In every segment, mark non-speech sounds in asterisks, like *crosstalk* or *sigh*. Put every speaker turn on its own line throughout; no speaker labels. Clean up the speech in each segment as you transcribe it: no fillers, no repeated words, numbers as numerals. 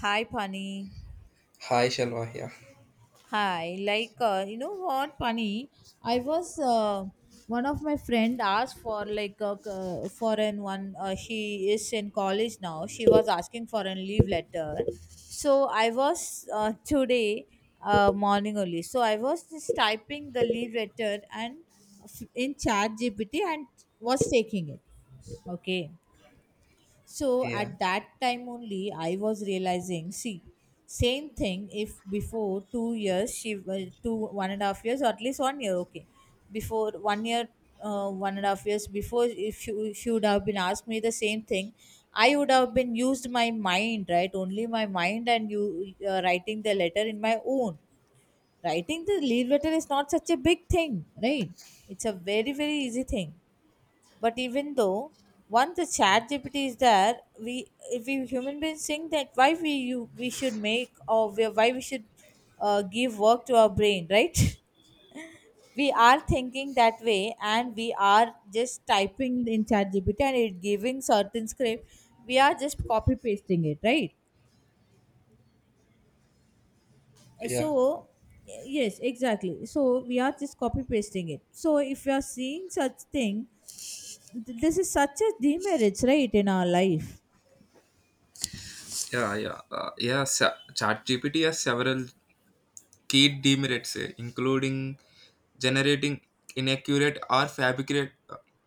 Hi, Pani.
Hi, Shalwa. Yeah,
Hi. You know what, Pani? I was One of my friend asked for a foreign one. She is in college now. She was asking for a leave letter. So I was today morning only. So I was just typing the leave letter and in Chat GPT and was taking it. Okay. So
yeah,
at that time only, I was realizing, see, same thing if before 2 years, two, 1.5 years, or at least 1 year, okay. Before 1 year, 1.5 years before, if she would have been asked me the same thing, I would have been used my mind, right? Only my mind and you writing the letter in my own. Writing the leave letter is not such a big thing, right? It's a very, very easy thing, but even though once the chat GPT is there, we if we human beings think that why we you we should make or we, why we should give work to our brain, right? *laughs* We are thinking that way, and we are just typing in chat GPT and it giving certain script. We are just copy pasting it, right? So
yeah,
yes, exactly. So we are just copy pasting it. So if you are seeing such thing, this is such a demerits, right, in our life.
yeah, yeah. Yeah. ChatGPT has several key demerits, including generating inaccurate or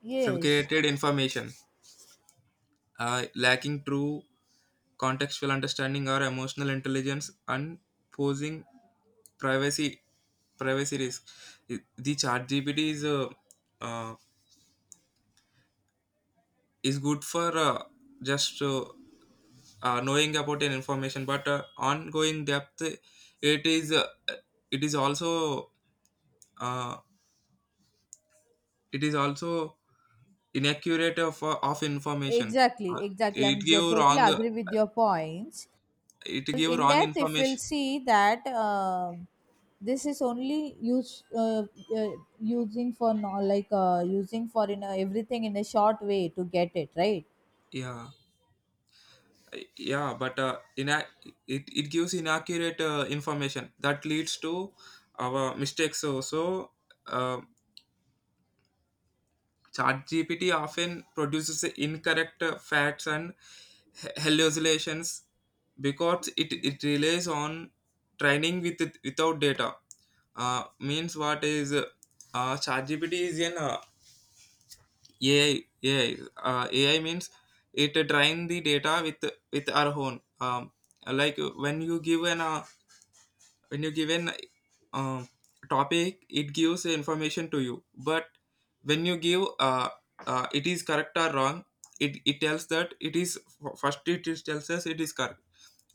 Yes.
fabricated information, lacking true contextual understanding or emotional intelligence, and posing privacy privacy risk. The ChatGPT uh, is good for just knowing about an information, but ongoing depth it is uh, it is also uh, it is also inaccurate of information. uh,
Exactly, exactly.
it give
Totally
wrong
agree with your points.
it give
In
wrong
depth, if we'll
information.
see that this is only use uh, using for no, like using for in a, everything in a short way to get it right.
yeah yeah but it gives inaccurate information that leads to our mistakes. So so, uh, ChatGPT often produces incorrect facts and hallucinations because it relies on training with it, without data. Means what is ChatGPT is an AI. AI, AI means it train the data with our own. Like when you give an when you given um, topic, it gives information to you. But when you give it is correct or wrong, it tells that it is first it is tells us it is correct.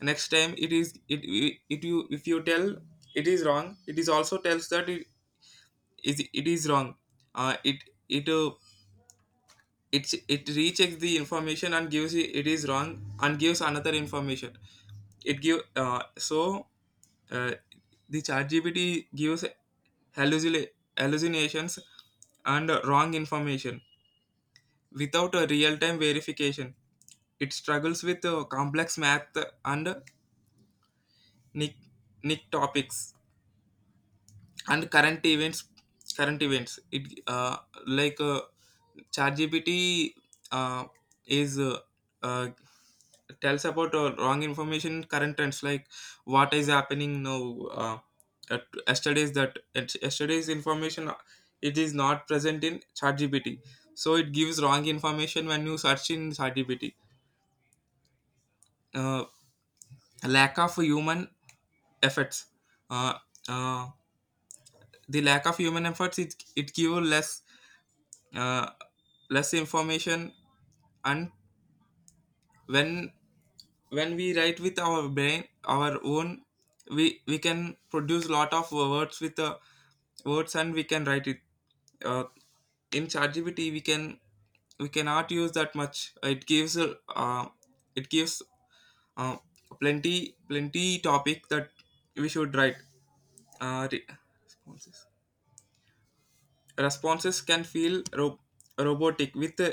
Next time it is it, it, it you if you tell it is wrong, it is also tells that it is wrong. Uh, it it uh, it it rechecks the information and gives it, it is wrong, and gives another information. It give so uh, the ChatGPT gives hallucina- hallucinations and wrong information without a real-time verification. It struggles with complex math, and nick nick topics, and current events. Current events. It like ChatGPT uh, is uh, tells about wrong information, current trends, like what is happening now. uh, at yesterday's that at yesterday's information, it is not present in ChatGPT, so it gives wrong information when you search in ChatGPT. uh, Lack of human efforts. uh, uh, the lack of human efforts, it gives less uh, less information. And when when we write with our brain, our own, we can produce lot of words with words and we can write it. uh, in ChatGPT we cannot use that much. It gives it gives uh, plenty plenty topic that we should write. uh, re- Responses can feel robotic with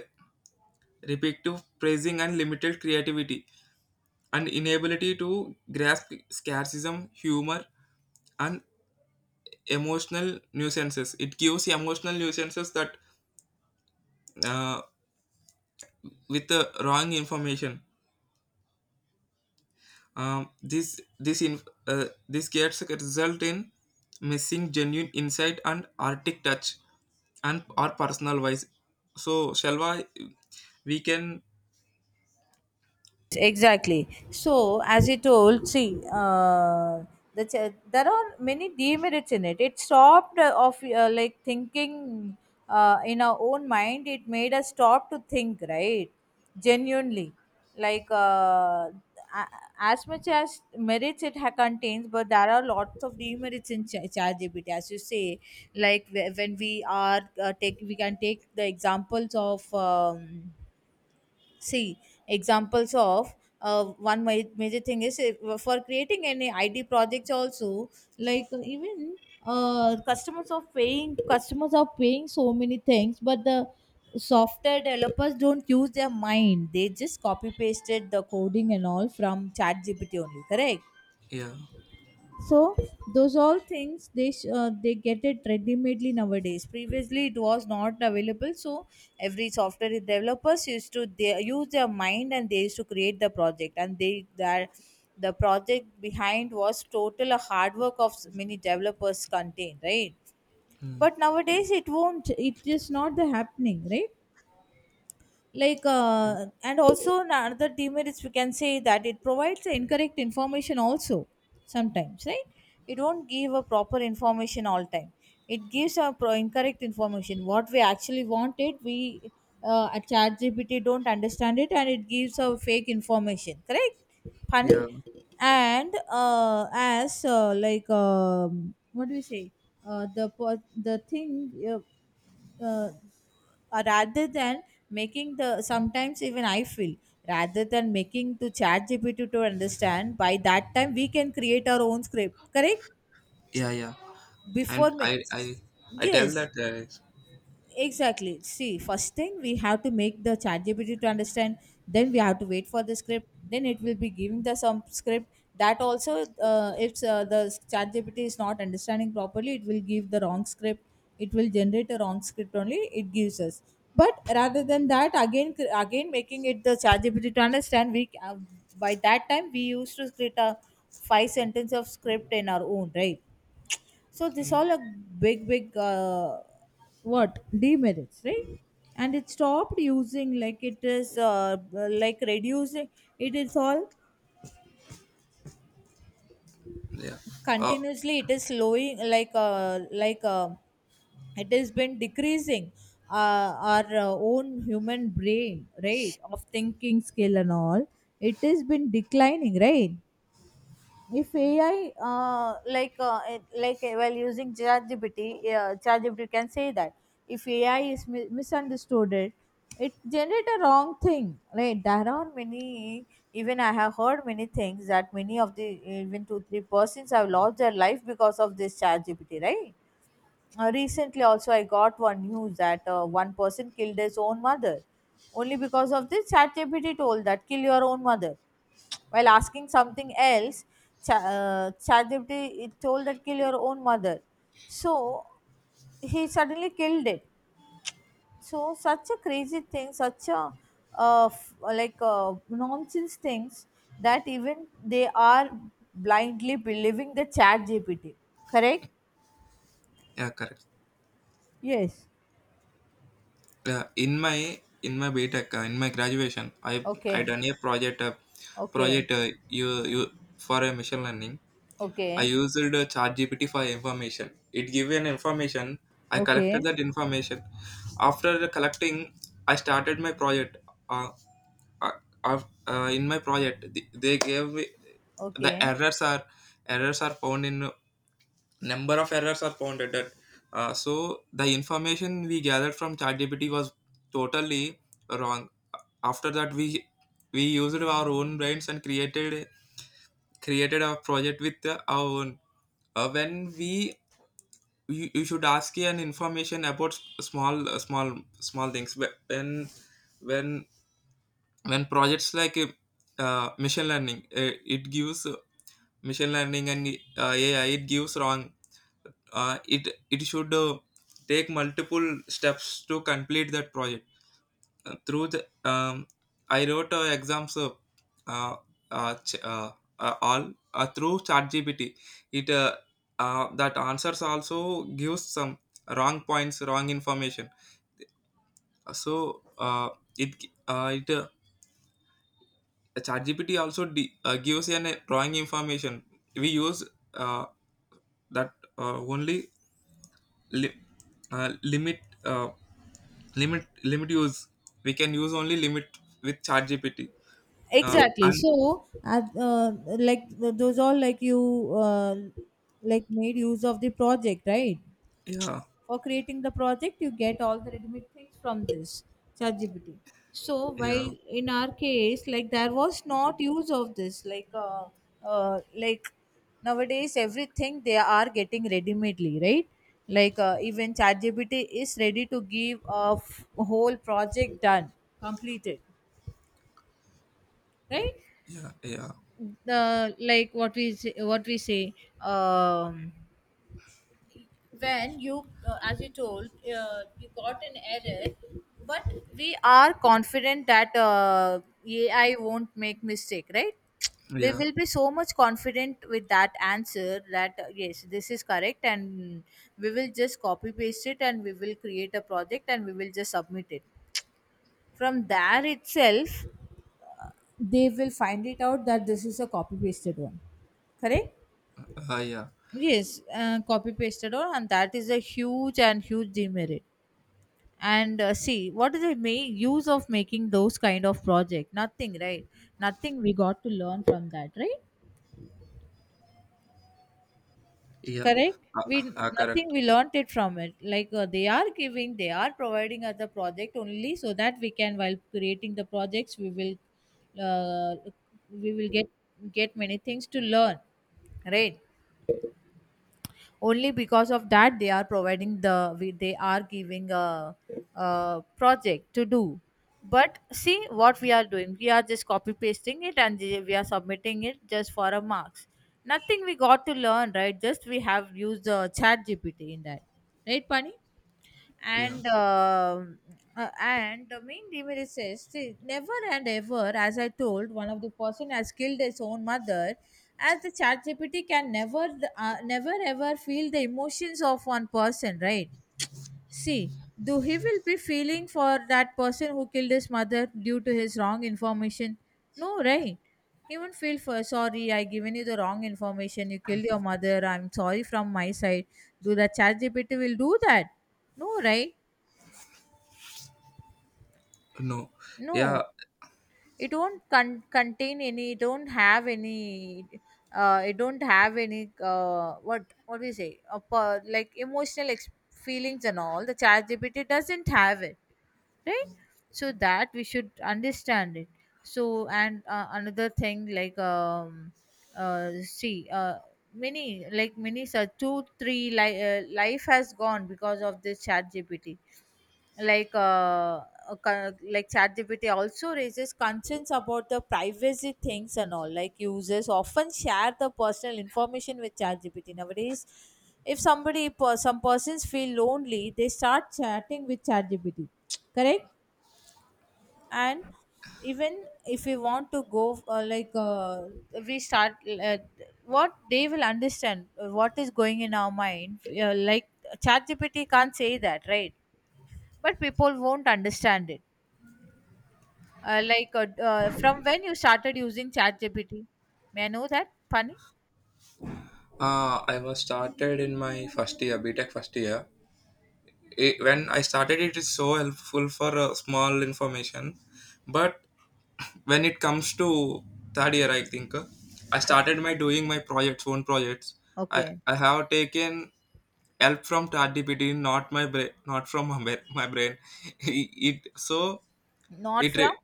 repetitive praising and limited creativity, and inability to grasp scarcism, humor, and emotional nuisances. It gives emotional nuisances that uh, with the wrong information. Um, this this in, this gets a result in missing genuine insight and arctic touch and or personal wise. So Shalva, we can.
Exactly, so as you told, see, there are many demerits in it. It stopped of like thinking in our own mind. It made us stop to think, right, genuinely. like uh, a- as much as merits it contains, but there are lots of demerits in ChatGPT, as you say. When we are take we can take the examples of see, examples of one major thing is for creating any ID projects also, like even customers are paying, customers are paying so many things, but the software developers don't use their mind. They just copy pasted the coding and all from Chat GPT only, correct?
Yeah.
So those all things they get it ready-madely nowadays. Previously it was not available, so every software developers used to they use their mind and they used to create the project, and the project behind was total a hard work of many developers contained, right? But
Yeah.
nowadays it won't, it is not the happening, right? And also another demerits we can say that it provides the incorrect information also, sometimes, right? It won't give a proper information all time. It gives a incorrect information. What we actually wanted, we at chat gpt don't understand it, and it gives a fake information, correct? Funny.
Yeah.
And as like what do we say, the po- the thing uh, rather than making the sometimes even I feel, rather than making to chat gpt to understand, by that time we can create our own script, correct?
Yeah. Yeah.
before
And
ma-
I tell
yes.
that.
Exactly. See, first thing we have to make the chat GPT to understand, then we have to wait for the script, then it will be giving the some script. That also, if the chat GPT is not understanding properly, it will give the wrong script. It will generate a wrong script only, it gives us. But rather than that, again making it the chat GPT to understand, we by that time we used to create a five sentence of script in our own, right? So this
Yeah.
all a big, what demerits, right? And it stopped using, like it is like reducing. It is all
Yeah. uh,
continuously. It is slowing like, it has been decreasing our own human brain, right, of thinking skill and all. It has been declining, right? If AI, while using ChatGPT, ChatGPT can say that if AI is misunderstood, it generate a wrong thing. Right? There are many. Even I have heard many things that many of the even 2 3 persons have lost their life because of this ChatGPT. Right? Recently, also, I got one news that one person killed his own mother only because of this. ChatGPT told that kill your own mother while asking something else. ChatGPT it told that kill your own mother. So he suddenly killed it. So such a crazy thing, such a nonsense things, that even they are blindly believing the ChatGPT. Correct?
Yeah, correct.
Yes.
In my in my BTEC, in my graduation, I
Okay.
done a project
Okay.
project you you for a machine learning. I
Okay.
used ChatGPT for information. It gave an information. I collected
Okay.
that information. After collecting, I started my project. Uh, uh, in my project, they gave the
Okay.
errors are found in, number of errors are found at that. So the information we gathered from ChatGPT was totally wrong. After that, we used our own brains and created a project with our own. When we You, you should ask an information about small things. When when projects like uh, machine learning uh, it gives uh, machine learning and AI, it gives wrong it it should take multiple steps to complete that project. Through the I wrote exams uh, ch- all through ChatGPT. It That answers also gives some wrong points, wrong information. So it it ChatGPT also gives an wrong information. We use uh, that only li- limit. Limit limit use We can use only limit with chat gpt.
Exactly,
And
so those all, like you like made use of the project, right?
Yeah.
For creating the project you get all the readymade things from this ChatGPT. So while
Yeah.
in our case, like there was not use of this, uh, like nowadays everything they are getting ready-madely, right? Like even ChatGPT is ready to give a whole project done, completed, right?
Yeah. Yeah.
The what we say, um when you, as you told, you got an error, but we are confident that AI won't make mistake, right? We
Yeah.
will be so much confident with that answer that yes, this is correct, and we will just copy paste it, and we will create a project, and we will just submit it. From there itself, they will find it out that this is a copy pasted one, correct?
Yeah.
Yes, copy pasted one, and that is a huge and huge demerit. And see, what is the may use of making those kind of project? Nothing, right? Nothing we got to learn from that, right?
Yeah.
Correct.
uh,
We Nothing
Correct.
we learnt it from it. Like they are giving, they are providing us the project only so that we can, while creating the projects we will uh, we will get get many things to learn, right? Only because of that they are providing the they are giving a project to do. But see what we are doing? We are just copy pasting it, and we are submitting it just for a marks. Nothing we got to learn, right? Just we have used the chat gpt in that, right, Pani?
Yeah.
And and the main demon says, see, never and ever, as I told, one of the person has killed his own mother, as the chat gpt can never never ever feel the emotions of one person, right? See, do he will be feeling for that person who killed his mother due to his wrong information? No, right? He won't feel for sorry, I given you the wrong information, you killed your mother, I'm sorry from my side. Do the chat gpt will do that? No, right?
No. Yeah.
No. It won't contain any, it don't have any what do you say, a per- like emotional feelings and all, the chat gpt doesn't have it, right? So that we should understand it. So and another thing, like see many, like many such 2 3 life has gone because of this chat gpt. like uh, like ChatGPT also raises concerns about the privacy things and all. Like users often share the personal information with ChatGPT nowadays. If some persons feel lonely, they start chatting with ChatGPT, correct? And even if we want to go we start uh, what they will understand, what is going in our mind, like ChatGPT can't say that, right? But people won't understand it. From when you started using ChatGPT? May I know that, Pani?
Uh, i was started in my first year, btech first year. When I started, it is so helpful for small information. But when it comes to third year, I think I
O-
started my projects, own projects. i
Okay.
i have taken help from ChatGPT, not my brain, not from my brain. *laughs* it so
Not
it
from?
re-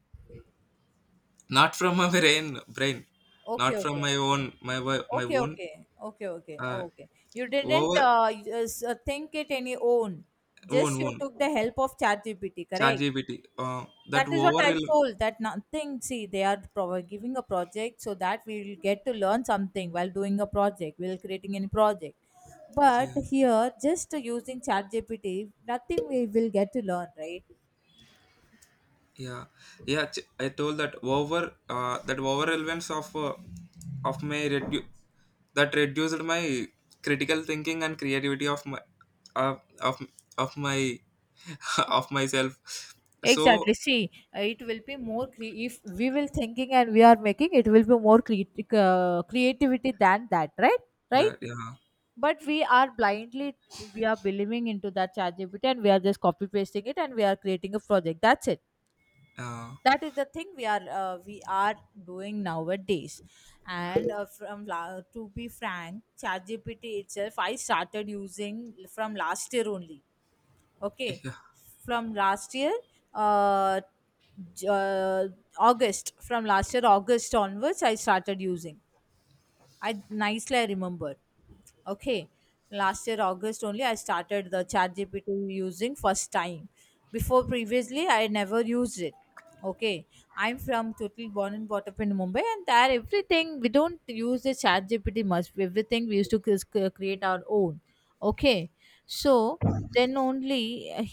Not from my brain,
Okay,
not from
okay.
my own, my
Okay,
own.
okay. Okay, okay.
Uh,
Okay. You didn't
over
think it any own.
Own
Just you took
own
the help of ChatGPT, correct?
ChatGPT. Uh, that
That is what
over
I told, that nothing. See, they are giving a project so that we will get to learn something while doing a project, while creating any project. But here, just using ChatGPT, nothing we will get to learn, right?
Yeah. Yeah. I told that over that overrelevance of of my redu- that reduced my critical thinking and creativity of uh, of my *laughs* of myself. So
Exactly. See, it will be more if we will thinking and we are making it will be more creativity than that, right? Right?
that Yeah.
But we are blindly, we are believing into that chat GPT, and we are just copy pasting it, and we are creating a project. That's it.
uh,
That is the thing we are doing nowadays. And To be frank, ChatGPT itself, I started using from last year only. Okay,
yeah.
from last year, uh, J- uh, August, from last year, August onwards, I started using. I nicely I remember, okay, last year August only I started the chat gpt using first time. Before, previously I never used it. Okay, I'm from, totally born and brought up in Mumbai, and there everything, we don't use the chat gpt much, everything we used to create our own. Okay, so then only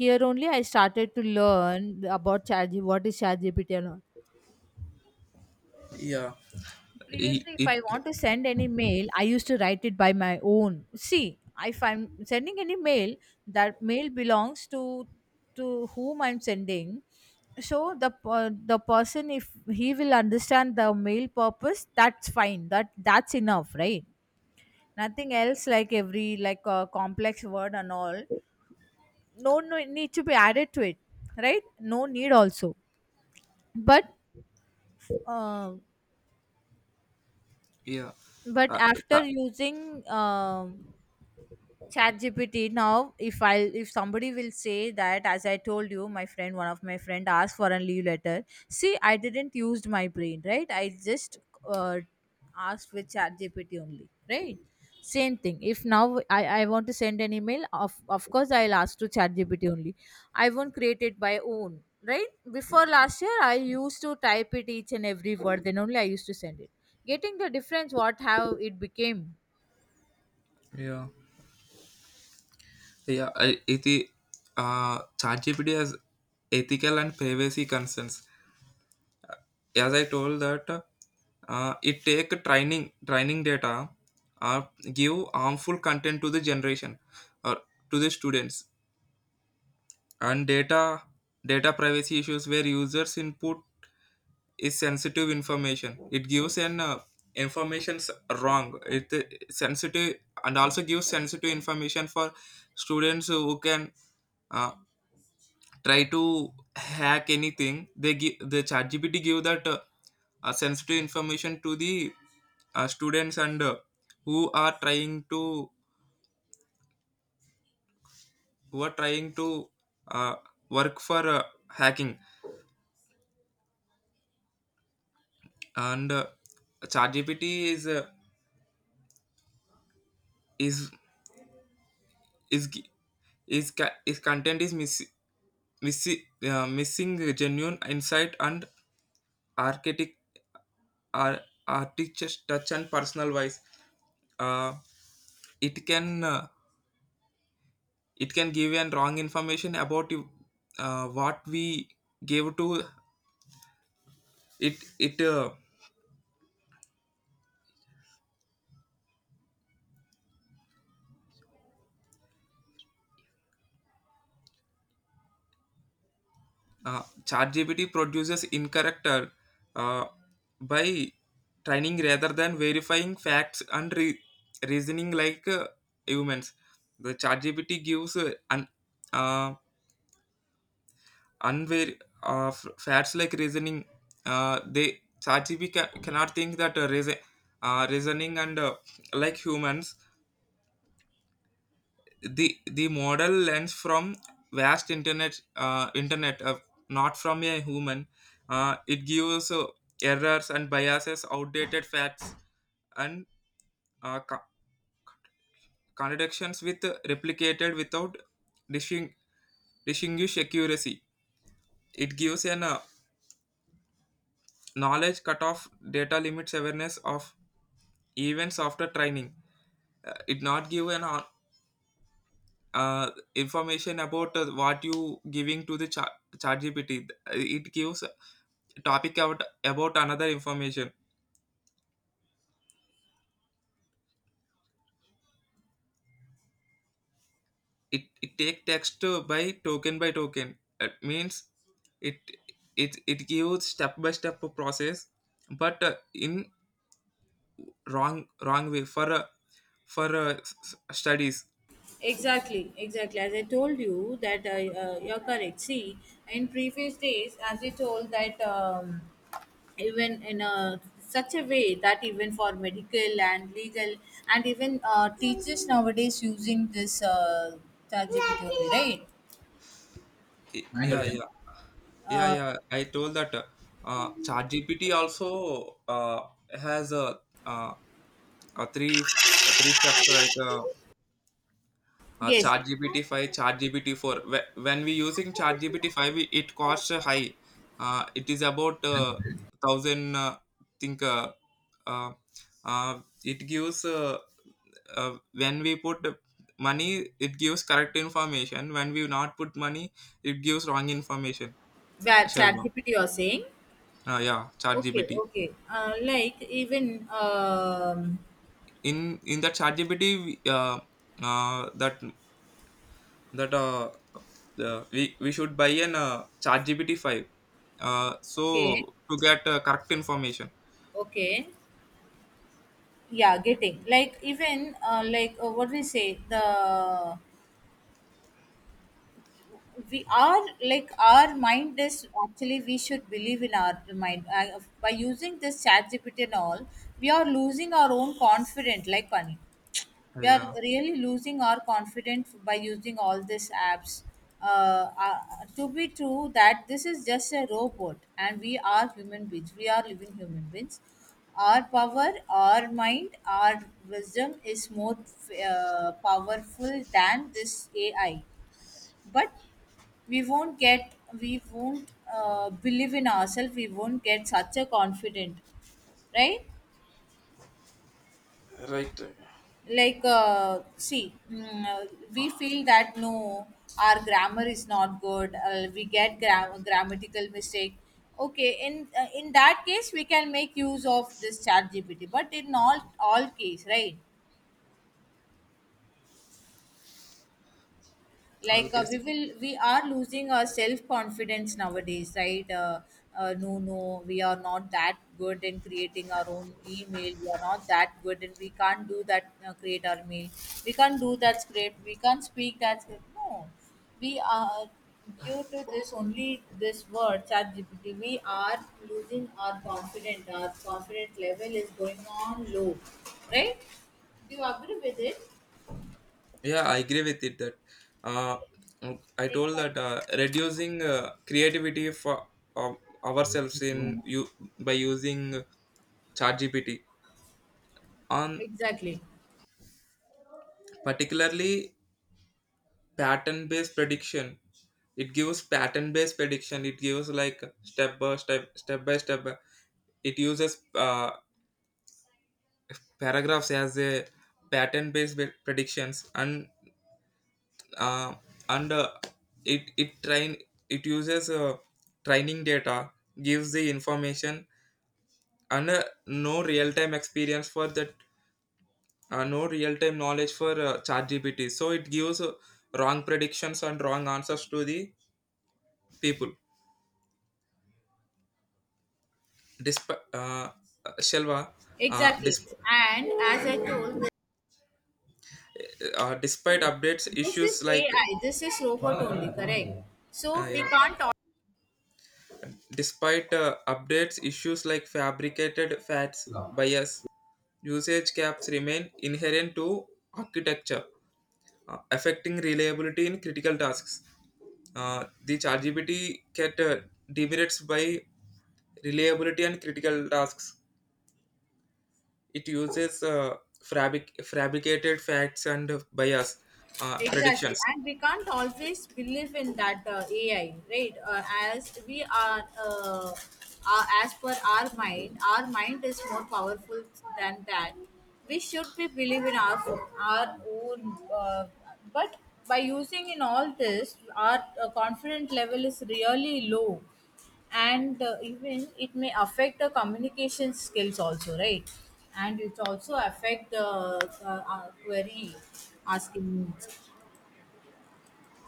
here only I started to learn about chat, what is chat gpt
Yeah. it,
previously if
it
I want to send any mail I used to write it by my own. See, if I'm sending any mail, that mail belongs to whom I'm sending, so the person, if he will understand the mail purpose, that's fine, that's enough, right? Nothing else, like every, like complex word and all, no, no need to be added to it, right? No need also. But uh,
Yeah.
but
uh,
after
uh,
using chat gpt now if I, if somebody will say that, as I told you, my friend, one of my friend asked for a leave letter. See, I didn't used my brain, right? I just uh, asked with chat gpt only, right? Same thing, if now I want to send an email, of course I'll ask to chat gpt only. I won't create it by own, right? Before last year I used to type it each and every word, then only I used to send it. Getting the difference, what, how it became.
yeah. yeah I- it chat gpt has ethical and privacy concerns. As I told that, it take training data, uh, give harmful content to the generation or to the students. And data privacy issues where users input is sensitive information. It gives an information's wrong. It Sensitive and also gives sensitive information for students who can uh, try to hack anything. They give the ChatGPT, give that sensitive information to the students. And who are trying to who are trying to uh, work for hacking and chat is uh, is is gi- is ca- is content is miss, missing genuine insight and archaic ar- artistic touch and personal voice. uh, it can uh, it can give an wrong information about you, what we gave to it. it uh, uh, ChatGPT produces incorrect uh, by training rather than verifying facts and reasoning like humans. The ChatGPT gives uh, unver- facts like reasoning. They ChatGPT cannot think that reasoning and like humans. The model lens from vast internet not from a human. It gives errors and biases, outdated facts, and uh, co- contradictions with replicated without disting- distinguish accuracy. It gives an knowledge cutoff data, limits awareness of events after training. It not give an information about what you giving to the chat gpt. It gives topic about another information. It take text by token by token. It means it it gives step by step process, but in wrong way for studies.
Exactly, exactly. As I told you that I, you're correct. See, in previous days, as you told that even in a, such a way that even for medical and legal, and even teachers nowadays using this ChatGPT only, right?
Yeah. Yeah. Yeah.
Uh,
Yeah. I told that chat gpt also has a uh, uh, three three steps like
yes,
chat gpt 5, chat gpt 4. When we using chat gpt 5, it costs high. It is about thousand think uh, uh, it gives uh, when we put money, it gives correct information. When we not put money, it gives wrong information.
that
Shalva.
ChatGPT you're saying.
Yeah, chat
Okay,
gpt.
okay. Like even
in in that chat gpt, uh, that that we should buy an chat gpt 5,
okay,
so to get correct information.
okay. Yeah, getting, like even like what we say, the, we are like, our mind is actually, we should believe in our mind. Uh, by using this chat gpt and all, we are losing our own confidence, like one, we are
Yeah.
really losing our confidence by using all these apps. Uh, uh, to be true, that this is just a robot, and we are human beings. We are living human beings. Our power, our mind, our wisdom is more powerful than this AI. But we won't get, we won't believe in ourselves. We won't get such a confident, right?
Right.
Like see, we feel that no, our grammar is not good, we get grammatical mistake. Okay, in that case we can make use of this chat gpt but in all case, right? Like
Okay.
we are losing our self confidence nowadays, right? No, no, we are not that good in creating our own email, we are not that good, and we can't do that, create our mail, we can't do that script, we can't speak that script, no. We are, due to this only, this word chat gpt we are losing our confidence, our confidence level is going on low, right? Do you agree with it?
Yeah, I agree with it. That uh
Yes,
I told that
exactly,
reducing creativity for of ourselves in you by using chat gpt on
exactly.
particularly pattern based prediction. It gives pattern based prediction. It gives like step by step, step by step. It uses paragraphs as a pattern based predictions. Uh, and It it train, it uses training data, gives the information, and no real time experience for that. No real time knowledge for chat gpt, so it gives wrong predictions and wrong answers to the people. Despite Shelva,
Exactly,
dis-
and as I told, they
despite
say,
updates
this
issues
is
like
AI, this is robot only, correct? So we
yeah,
can't.
despite updates issues like fabricated fats bias, usage caps, remain inherent to architecture, affecting reliability in critical tasks. The ChatGPT cat demerits by reliability and critical tasks. It uses fabricated facts and bias
Exactly,
predictions.
and we can't always believe in that AI, right? As we are, as per our mind is more powerful than that. We should be believe in our own, but by using in all this, our confidence level is really low, and even it may affect the communication skills also, right? And it also affect the query asking.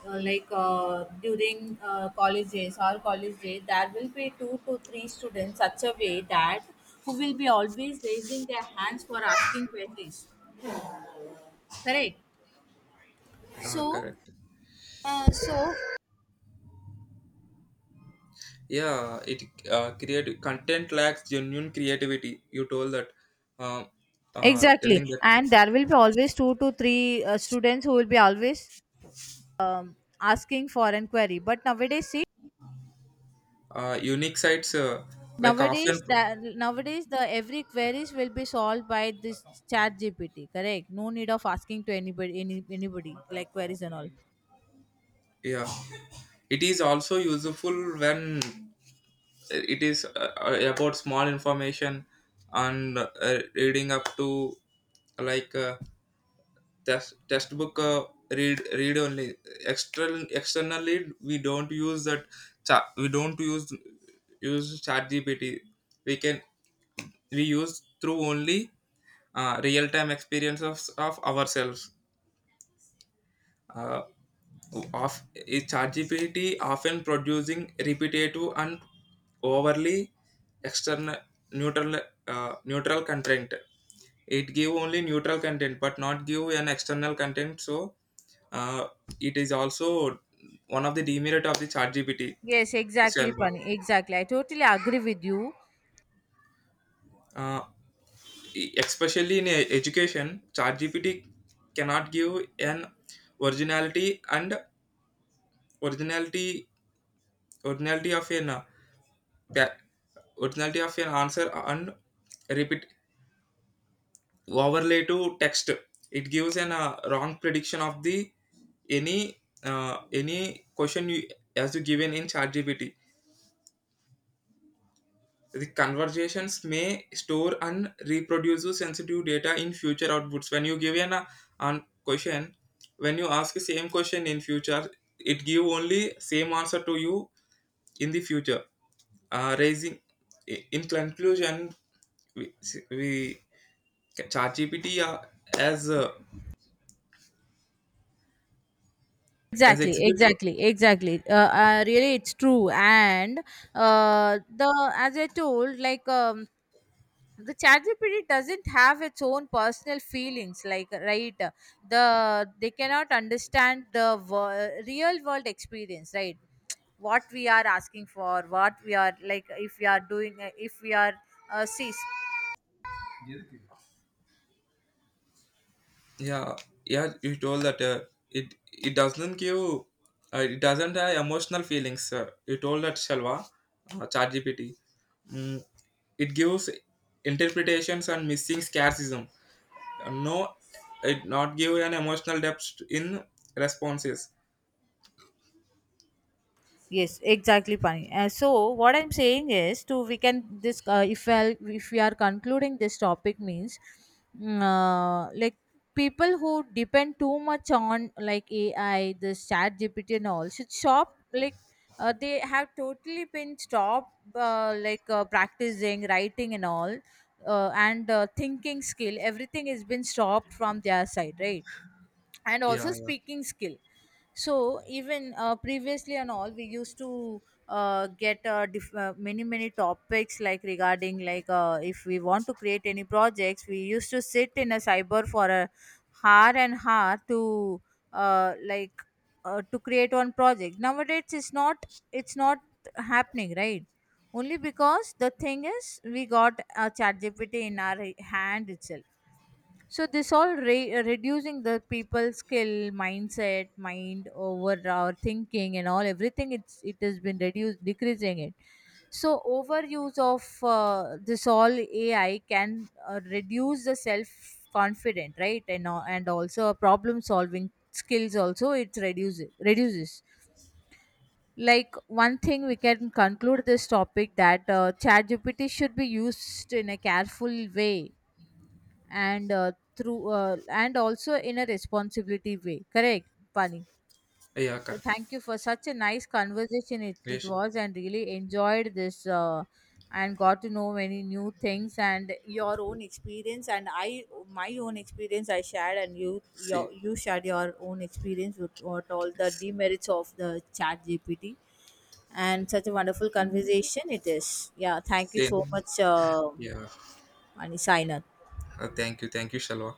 Uh, like during college days or college day, there will be two to three students, such a way that who will be always raising their hands for asking queries, correct? So
Correct.
so
Yeah, it create content lacks genuine creativity. You told that, uh,
exactly.
telling that
And there will be always two to three students who will be always asking for an query. But nowadays, see,
unique sites. Like
nowadays
often,
that nowadays the every queries will be solved by this chat GPT. Correct. No need of asking to anybody, any, anybody, like queries and all.
yeah, it is also useful when it is about small information, and reading up to, like. Test Textbook read only. Externally we don't use that. Cha- we don't use Use ChatGPT. We can we use through only real time experience of ourselves. Uh, of is ChatGPT often producing repetitive and overly external neutral neutral content. It give only neutral content, but not give an external content. So uh, it is also one of the demerit of the ChatGPT
Yes, exactly,
itself.
Pani. Exactly. I totally agree with you.
Uh, Especially in education, ChatGPT cannot give an originality and originality originality of an pa- originality of an answer, and repeat overlay to text. It gives an wrong prediction of the any any question you, as you given in ChatGPT. The conversations may store and reproduce sensitive data in future outputs. When you give an question, when you ask the same question in future, it give only same answer to you in the future. Uh, raising in conclusion, we, we ChatGPT as uh, as
Exactly,
exhibit
exactly, exactly. Really, it's true. And the, as I told, like the ChatGPT doesn't have its own personal feelings, like, right? They cannot understand the real world experience. Right, what we are asking for, what we are like, if we are doing, if we are see.
yeah. Yeah. You told that it it doesn't give it doesn't have emotional feelings. You told that, Shalva. Chat gpt, mm, it gives interpretations and missing scarcism. No, it not give an emotional depth in responses.
Yes, exactly, Pani. So what I'm saying is, to, we can this, if I, if we are concluding this topic means, like people who depend too much on like AI, this Chat GPT and all should stop. Like they have totally been stopped, like practicing writing and all, and thinking skill. Everything has been stopped from their side, right? And
Yeah.
also speaking skill. So even previously and all, we used to get many many topics, like regarding, like if we want to create any projects, we used to sit in a cyber for a hour and hour to like to create one project. Nowadays it's not, it's not happening, right? Only because the thing is, we got a chat gpt in our hand itself. So this all reducing the people skill, mindset, mind over our thinking and all, everything. It has been reduced, decreasing it. So overuse of this all AI can reduce the self confident, right? And and also problem solving skills also it reduces. Like one thing, we can conclude this topic that ChatGPT should be used in a careful way, and through and also in a responsibility way, correct Pani?
Yeah. Yeah,
So
correct.
thank you for such a nice conversation, it
Yes.
was, and really enjoyed this, and got to know many new things, and your own experience, and I, my own experience I shared, and
See.
you shared your own experience with what all the demerits of the chat GPT and such a wonderful conversation it is. Yeah, thank you so
Same.
much,
Yeah.
Pani Sainath.
Thank you Shalva.